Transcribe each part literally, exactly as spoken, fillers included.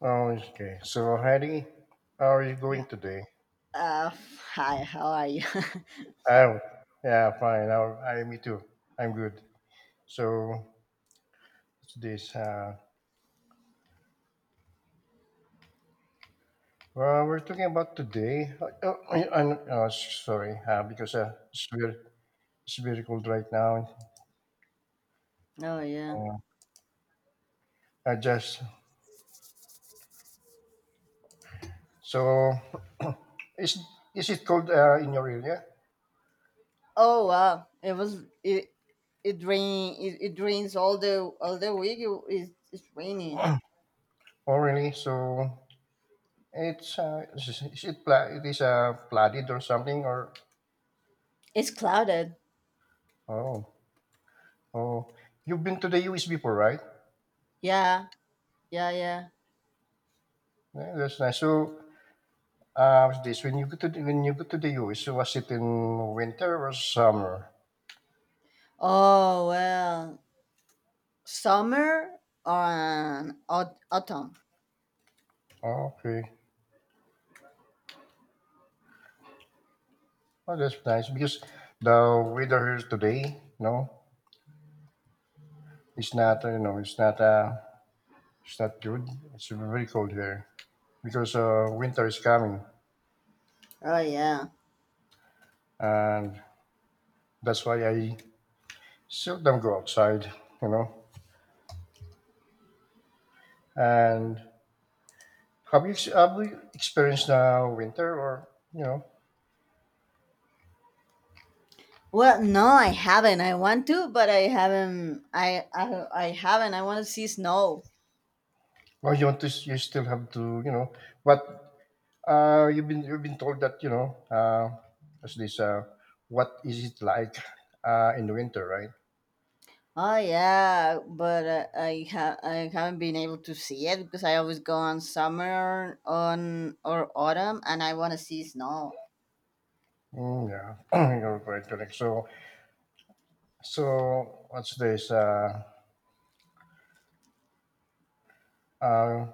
Okay. So, Heidi, how are you going today? Uh, Hi, how are you? Oh, yeah, fine. I, I, me too. I'm good. So, it's this. Uh, well, we're talking about today. Uh, uh, I, I'm uh, sorry, uh, because uh, it's very, it's very cold right now. Oh yeah. Uh, I just so is is it cold uh, in your area? Oh wow, it was it it rain it, it rains all the all the week. It, it's it's raining. Oh, really? So it's uh, is, is it pla- it is uh, flooded or something or It's clouded. oh oh you've been to the U S before, right? Yeah, yeah, yeah. Yeah, that's nice. So, uh, what's this when you go to the, when you go to the U S, so was it in winter or summer? Oh well, summer or aut- autumn. Okay. Oh, that's nice because the weather here today, no, it's not uh, you know it's not uh it's not good. It's very cold here because uh, winter is coming, Oh yeah. and that's why I seldom go outside. You know, and have you ex- have you experienced uh, winter or you know? Well, no, I haven't. I want to, but I haven't. I I, I haven't. I want to see snow. Well, you want to, you still have to, you know, what? Uh, you've been you've been told that you know uh, as this uh, what is it like uh, in the winter, right? Oh yeah, but uh, I ha- I haven't been able to see it because I always go on summer on or autumn, and I want to see snow. Mm, yeah, you're quite correct. So so what's this? Uh, uh,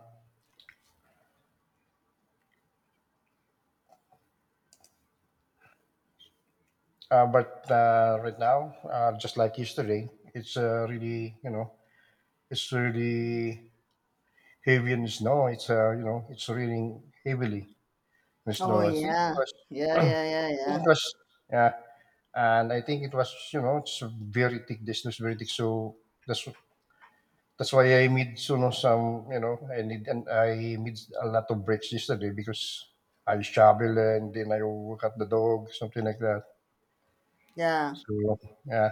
uh, but uh, right now, uh, just like yesterday, it's uh, really you know it's really heavy in snow. It's uh, you know it's raining heavily in Oh snow. I think it yeah, was yeah, I yeah, yeah, think yeah, it was yeah and I think it was you know it's very thick. This was very thick, so that's that's why I made you know some you know I need and I made a lot of breaks yesterday because I shovel and then I walk at the dog something like that. yeah, So yeah.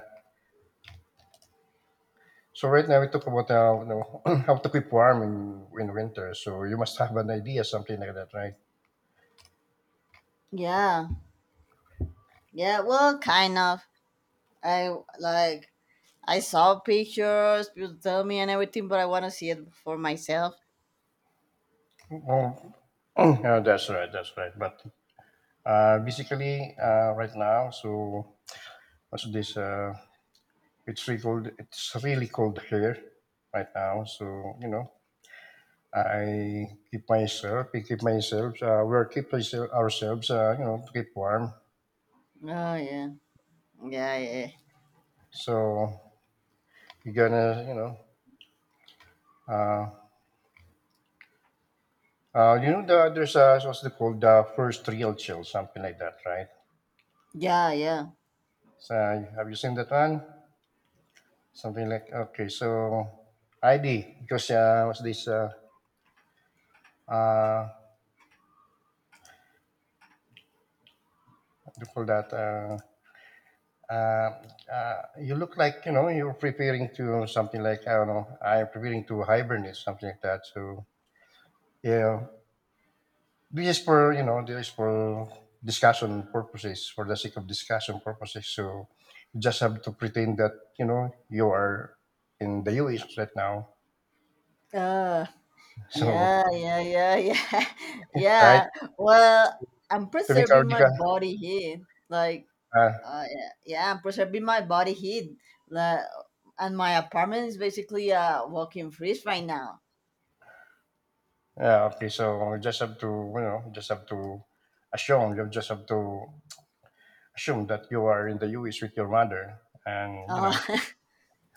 So right now we talk about uh, you know, how to keep warm in, in winter. So you must have an idea something like that, right? yeah, yeah. Well, kind of. I like I saw pictures, people tell me and everything, but I want to see it for myself. Well, yeah, that's right. That's right. But uh, basically, uh, right now, so what's this? Uh, It's really cold. It's really cold here right now. So you know, I keep myself. We keep myself. Uh, we're keep ourse- ourselves. Uh, you know, to keep warm. Oh yeah, yeah, yeah, So you're gonna, you know, uh, uh, you know, the, there's a what's it called? The first real chill, something like that, right? yeah, So have you seen that one? Something like okay. So I D because uh, what's this? Uh, uh, what do you call that? Uh, Uh, uh, you look like you know you're preparing to something like I don't know. I'm preparing to hibernate something like that. So yeah, this is for you know this is for discussion purposes for the sake of discussion purposes. So you just have to pretend that you know you are in the U S right now. yeah. Uh, So Yeah, yeah, yeah, yeah. right Yeah. Well, I'm to make our preserving my deca- body heat. Like, uh, uh, Yeah, yeah, I'm preserving my body heat. Like, and my apartment is basically a walking freeze right now. yeah okay. So you just have to you know just have to assume you just have to assume that you are in the U S with your mother and you Uh, know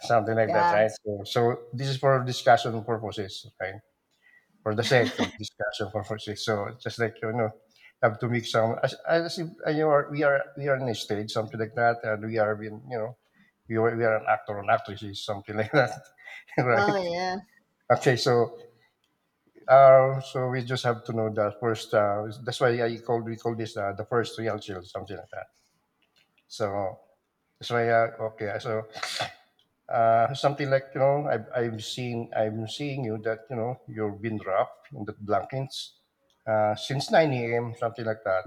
something like that, yeah. right? So, so this is for discussion purposes, right? For the sake of discussion purposes. So just like you know, have to make some as, as if uh, you are we are we are in a stage, something like that, and we are being, you know, we are, we are an actor and actresses, something like that, right? Oh, yeah. Okay, so. Uh, so we just have to know that first. Uh, that's why I called we call this uh, the first real chill, something like that. So that's why. Uh, okay, so uh, something like you know I've, I've seen I'm seeing you that you know you've been rough in the blankets uh, since nine a m something like that.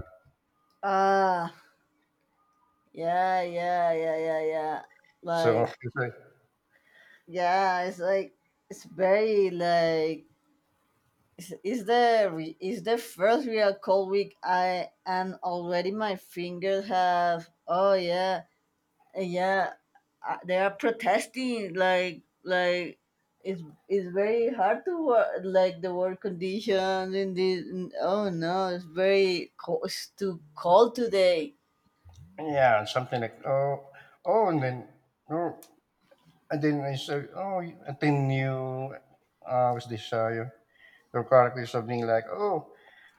Uh, yeah, yeah, yeah, yeah, yeah. So Like, it's like, yeah, it's like, it's very, like, is, is the re- is the first real cold week, I and already my fingers have, oh yeah, yeah, uh, they are protesting, like like it's it's very hard to work, like the work conditions in this. Oh no, it's very cold, it's too cold today. yeah, something like oh oh and then oh and then I said oh you- and then you uh, was this uh, your, your character is something like oh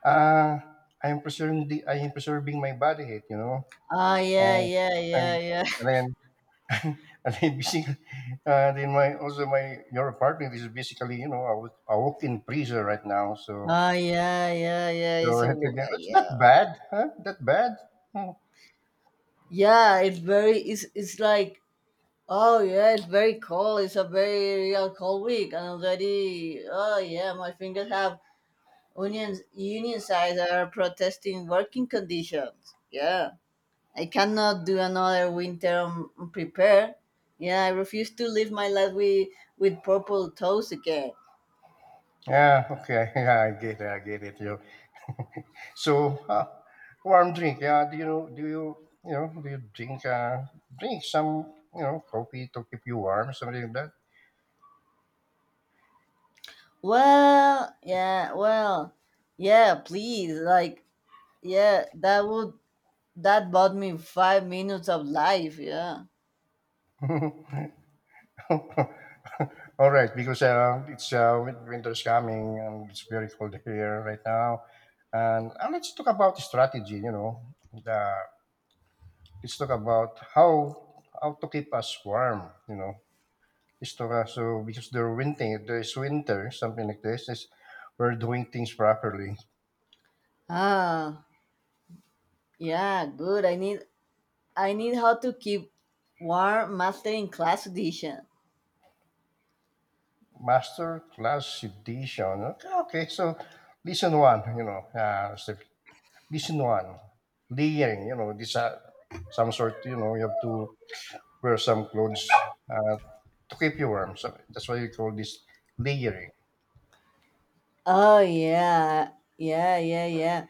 uh, I am preserving the I am preserving my body heat you know Ah yeah, uh, yeah, and, yeah, yeah. and then and then basically, uh, then my also my your apartment is basically you know a, walk- a walk-in freezer right now. So Ah yeah, yeah, yeah, so it's I a think wo- that- it's not yeah. bad, huh? That bad. Hmm. Yeah, it's very it's it's like Oh yeah, it's very cold. It's a very real cold week, and already, oh yeah, my fingers have unions. Union sides are protesting working conditions. Yeah, I cannot do another winter um, prepare. Yeah, I refuse to live my life with with purple toes again. Yeah. Okay. Yeah, I get it. I get it. You. So uh, warm drink. Yeah. Do you know do you you know do you drink uh drink some you know coffee to keep you warm something like Well, yeah, well, yeah. Please, like, yeah, that would that bought me five minutes of life. Yeah. that? All right, because uh, it's uh, win- winter is coming and it's very cold here right now. And, and let's talk about strategy, you know. The, let's talk about how how to keep us warm, you know. Let's talk uh, so because there winter, there is winter, something like this. Is we're doing things properly. Ah. Yeah, good. I need I need how to keep warm mastering class edition. Master class edition. Okay, okay. So listen one, you know, uh, so listen one, layering, you know, this uh, some sort, you know, you have to wear some clothes uh, to keep you warm. So that's why we call this layering. Oh yeah, yeah, yeah, yeah,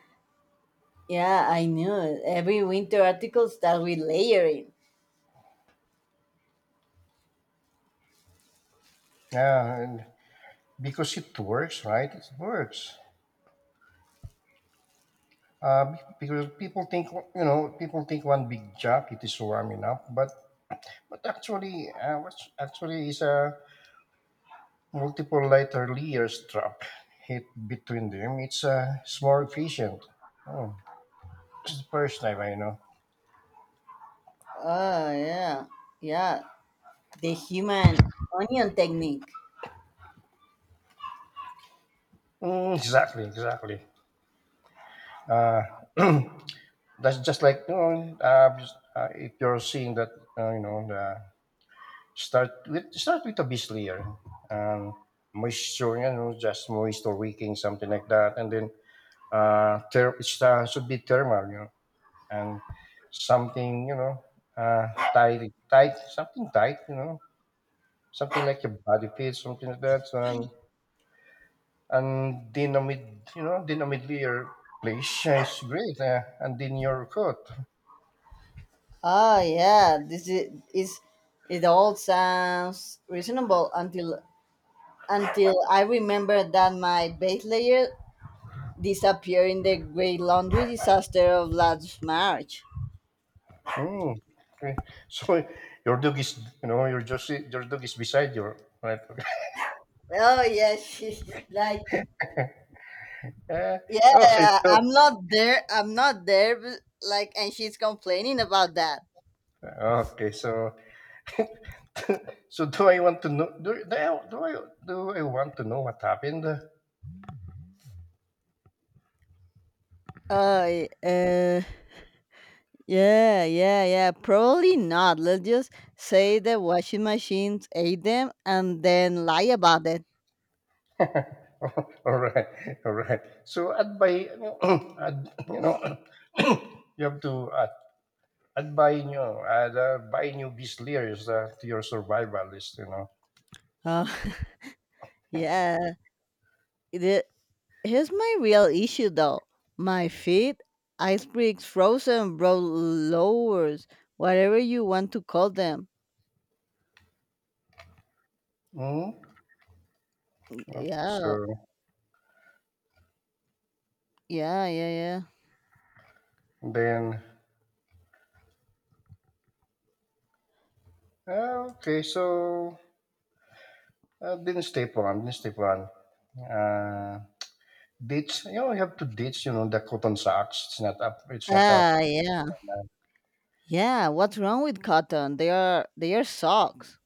yeah. I knew it. Every winter article starts with layering. Yeah, and because it works, right? It works. Uh, be- because people think, you know, people think one big jacket is warm enough, but but actually, uh, what's actually is a multiple lighter layer strap hit between them. It's uh, it's more efficient. Oh, this is the first time I know. Oh yeah, yeah. The human onion technique. Mm, exactly, exactly. Uh, that's just like you know, uh, just, uh, if you're seeing that uh, you know the start with start with a beach layer, um, moisture, you know, just moisture wicking something like that, and then uh, ter- it uh, should be thermal, you know, and something you know uh, tight, tight, something tight, you know, something like a body fit, something like that, so, and and then a mid, you know, then a mid layer place uh, is great, uh, and then your coat. Oh yeah, this is, is it all sounds reasonable until until I remember that my base layer disappeared in the great laundry disaster of last March. Mm, okay. So your dog is, you know, your just your dog is beside you, right? Oh yes, she's like, Uh, okay. yeah, So I'm not there. I'm not there. But, like, and she's complaining about that. okay. So so do I want to know? Do, do I do I do I want to know what happened? all Uh, uh, yeah, yeah, yeah. Probably not. Let's just say the washing machines ate them and then lie about it. right, all right. So advise, you know, ad, you know, you have to uh, advise you know, add, uh, buy new beast layers uh, to your survival list. You know. Oh, yeah. The- Here's my real issue though. My feet, ice bricks, frozen, bro, lowers, whatever you want to call them. Mm, okay. Yeah, So yeah, yeah, yeah. then. uh, Okay. So. Uh, didn't stay for one. Didn't stay for one. Uh, ditch. You know, you have to ditch. You know, the cotton socks. It's not up. It's not up. Ah, yeah, Uh, yeah. What's wrong with cotton? They are they are socks.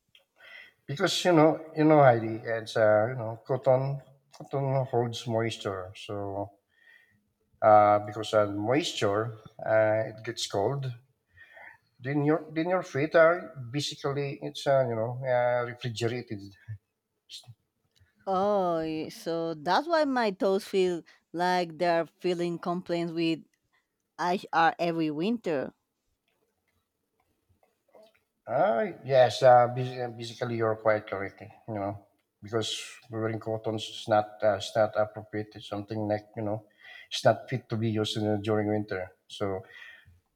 because you know, you know, Heidi. It's uh, you know, cotton. Cotton holds moisture. So uh, because uh, moisture, uh, it gets cold. Then your then your feet are basically it's uh, you know uh, refrigerated. Oh, y- so that's why my toes feel like they're feeling complaints with I R every winter. Uh, yes, uh, basi- uh, basically you're quite correct, eh, you know, because wearing cotton is not uh, it's not appropriate. It's something like you know, it's not fit to be used in, during winter. So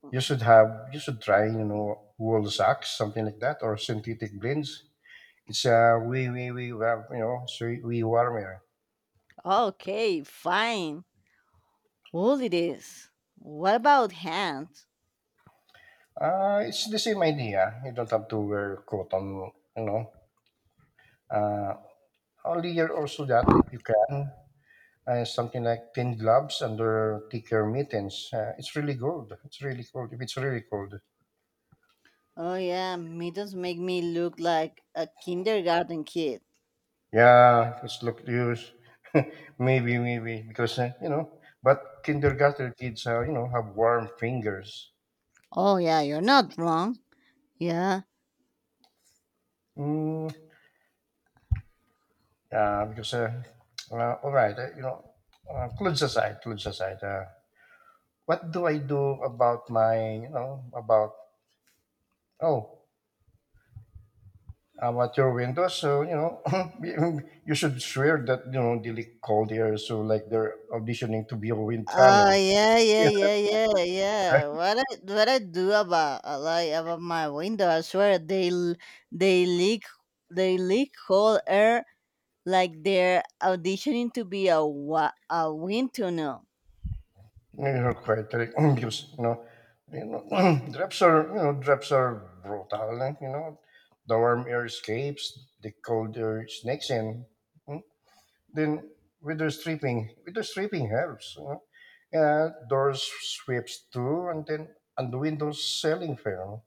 you should have you should try you know wool socks, something like that, or synthetic blends. It's uh, way way way wa- you know it's way, way warmer. Okay, fine. Wool it is. What about hands? Uh, it's the same idea. You don't have to wear cotton, you know. Uh, only you're also that if you can. uh, something like thin gloves under thicker mittens. Uh, it's really cold. It's really cold. If it's really cold, Oh yeah, mittens make me look like a kindergarten kid. yeah, it's look use maybe maybe because uh, you know. But kindergarten kids, uh, you know, have warm fingers. Oh yeah, you're not wrong. Yeah. Mm, uh, because uh, uh, all right, uh, you know, uh, clothes aside, clothes aside. Uh, what do I do about my, you know, about oh about your windows. So you know, you should swear that you know they leak cold air. So like they're auditioning to be a wind Oh tunnel. yeah, yeah, Yeah, yeah, yeah, yeah. What I what I do about, uh, like, about my window? I swear they l- they leak they leak whole air like they're auditioning to be a wa- a wind tunnel. you're quite right. because you know, you know, drops are you know drops are brutal. Eh, you know, the warm air escapes, the cold air snakes in. Mm. Then window stripping, window stripping helps. You know, uh, doors sweeps too, and then and the windows selling fair.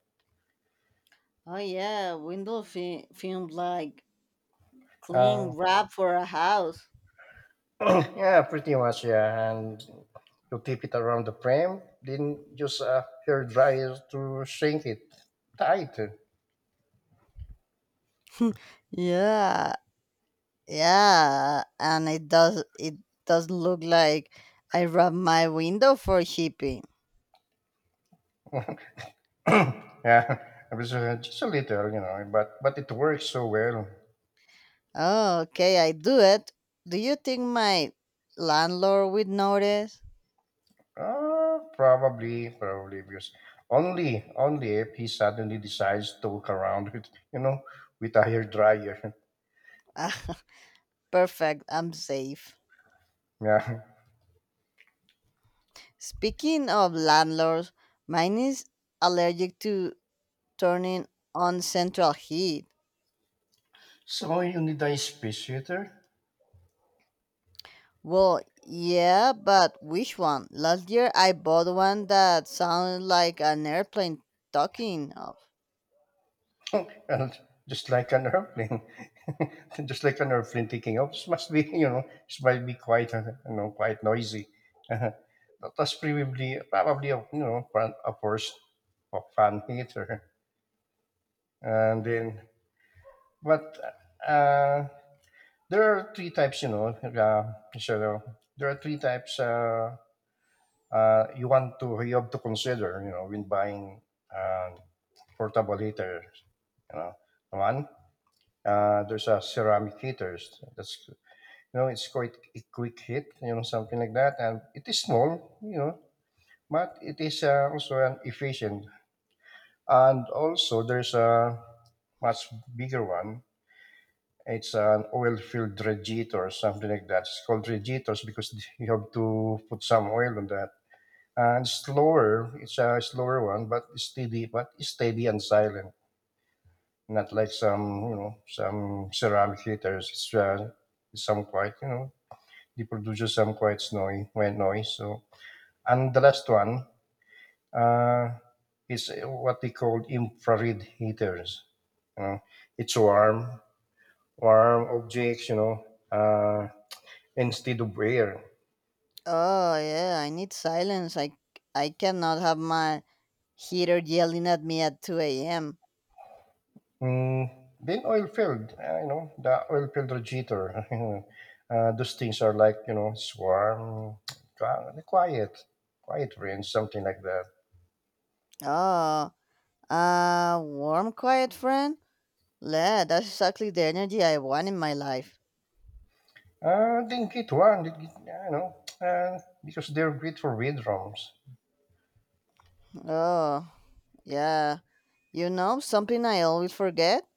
Oh yeah, window fi- film, like clean wrap for a house. yeah, pretty much. Yeah, and you keep it around the frame, then use a hair dryer to shrink it tight. Yeah, yeah, and it does it does look like I wrap my window for shipping. yeah, it was uh, just a little, you know, but but it works so well. Oh, okay, I do it. Do you think my landlord would notice? Uh, probably, probably because only only if he suddenly decides to walk around with you know with a hair dryer. Ah, perfect, I'm safe. Yeah. Speaking of landlords, mine is allergic to turning on central heat. So you need a space heater. Well, yeah, but which one? Last year I bought one that sounded like an airplane talking up. and just like an airplane, just like an airplane taking off, it must be you know it must be quite uh, you know quite noisy. that was probably probably a you know fan, a first of fan hater, and then but uh, there are three types you know. Uh, so there are three types uh, uh, you want to you have to consider you know when buying uh, portable heater. You know, one Uh, there's a ceramic heaters. That's you know, it's quite a quick hit, you know, something like that, and it is small, you know, but it is uh, also an efficient. And also, there's a much bigger one. It's an oil-filled regitor or something like that. It's called regitors because you have to put some oil on that. And slower, it's a slower one, but steady, but steady and silent not like some you know some ceramic heaters. It's uh, some quite you know they produce some quite snowy white noise. So and the last one uh, is what they call infrared heaters. You know, it's warm, warm objects. You know, uh, instead of air. Oh yeah, I need silence. I I cannot have my heater yelling at me at two a m. Mm, then oil field, uh, you know, the oil field regulator. uh, those things are like you know, it's warm, uh, quiet, quiet rain, something like that. Oh, a warm, quiet friend? Yeah, that's exactly the energy I want in my life. Uh, I didn't get one. Did get, you know, uh, because they're great for red ROMs. Oh, yeah. You know, something I always forget?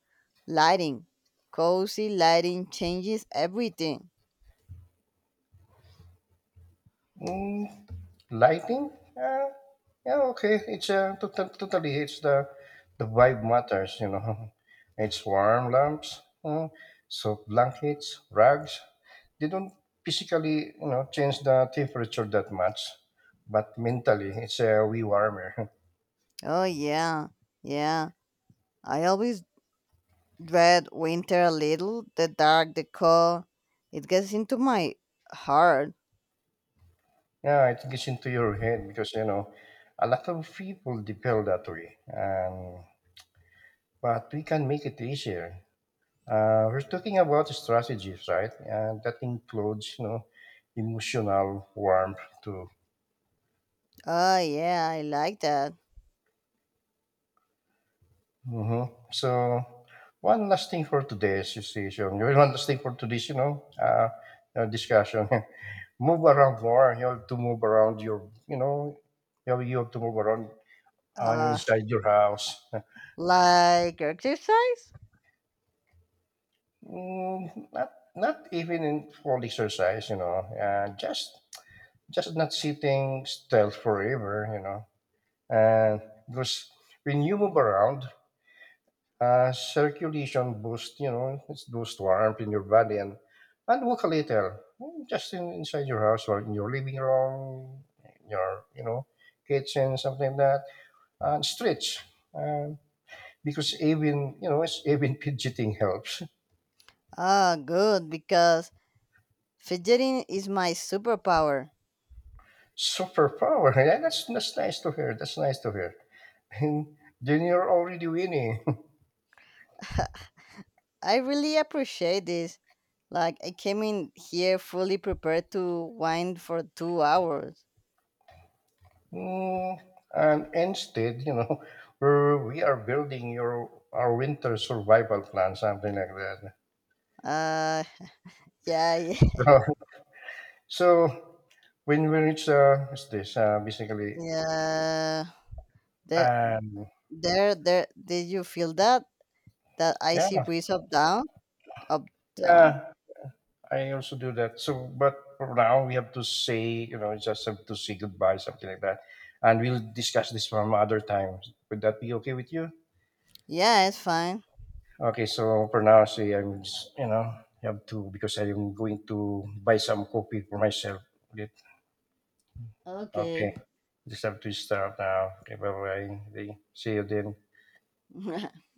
Lighting. Cozy lighting changes everything. Mm, lighting? Uh, yeah, okay. It's uh, total, totally. It's the the vibe matters. You know, it's warm lamps, mm, soft blankets, rugs. They don't physically, you know, change the temperature that much, but mentally, it's a way warmer. Oh, yeah. Yeah. I always dread winter a little, the dark, the cold. It gets into my heart. Yeah, it gets into your head because you know, a lot of people they feel that way, and but we can make it easier. Uh, we're talking about strategies, right? And that includes, you know, emotional warmth too. Oh, yeah, I like that. Hmm. So, one last thing for today's session. One last thing for today's, you know, uh, uh, discussion. move around more. You have to move around your, you know, you have, you have to move around uh, Uh, inside your house. like exercise? Mm, not not even in full exercise, you know, uh, just just not sitting still forever, you know. And because when you move around, uh, circulation boost, you know, it's boost warmth in your body and and walk a little, mm, just in, inside your house or in your living room, your you know, kitchen, something like that, and stretch. Um, because even you know, it's even fidgeting helps. Ah, good, because fidgeting is my superpower. Superpower, yeah, that's that's nice to hear. That's nice to hear. And then you're already winning. I really appreciate this. Like, I came in here fully prepared to wind for two hours. Mm, and instead, you know, we're, we are building your our winter survival plan, something like that. Uh, yeah, yeah. So, so when we reach, uh, what's this? Uh, basically, Yeah. There, um, there, there. Did you feel that? That yeah, icy breeze up down? Up down? yeah. I also do that. So, but for now we have to say, you know, just have to say goodbye, something like that, and we'll discuss this from other times. Would that be okay with you? Yeah, it's fine. Okay, so for now, see, I'm just, you know, have to because I'm going to buy some coffee for myself. Okay. Okay. Okay. Just have to stop now. Okay, bye bye. See you then.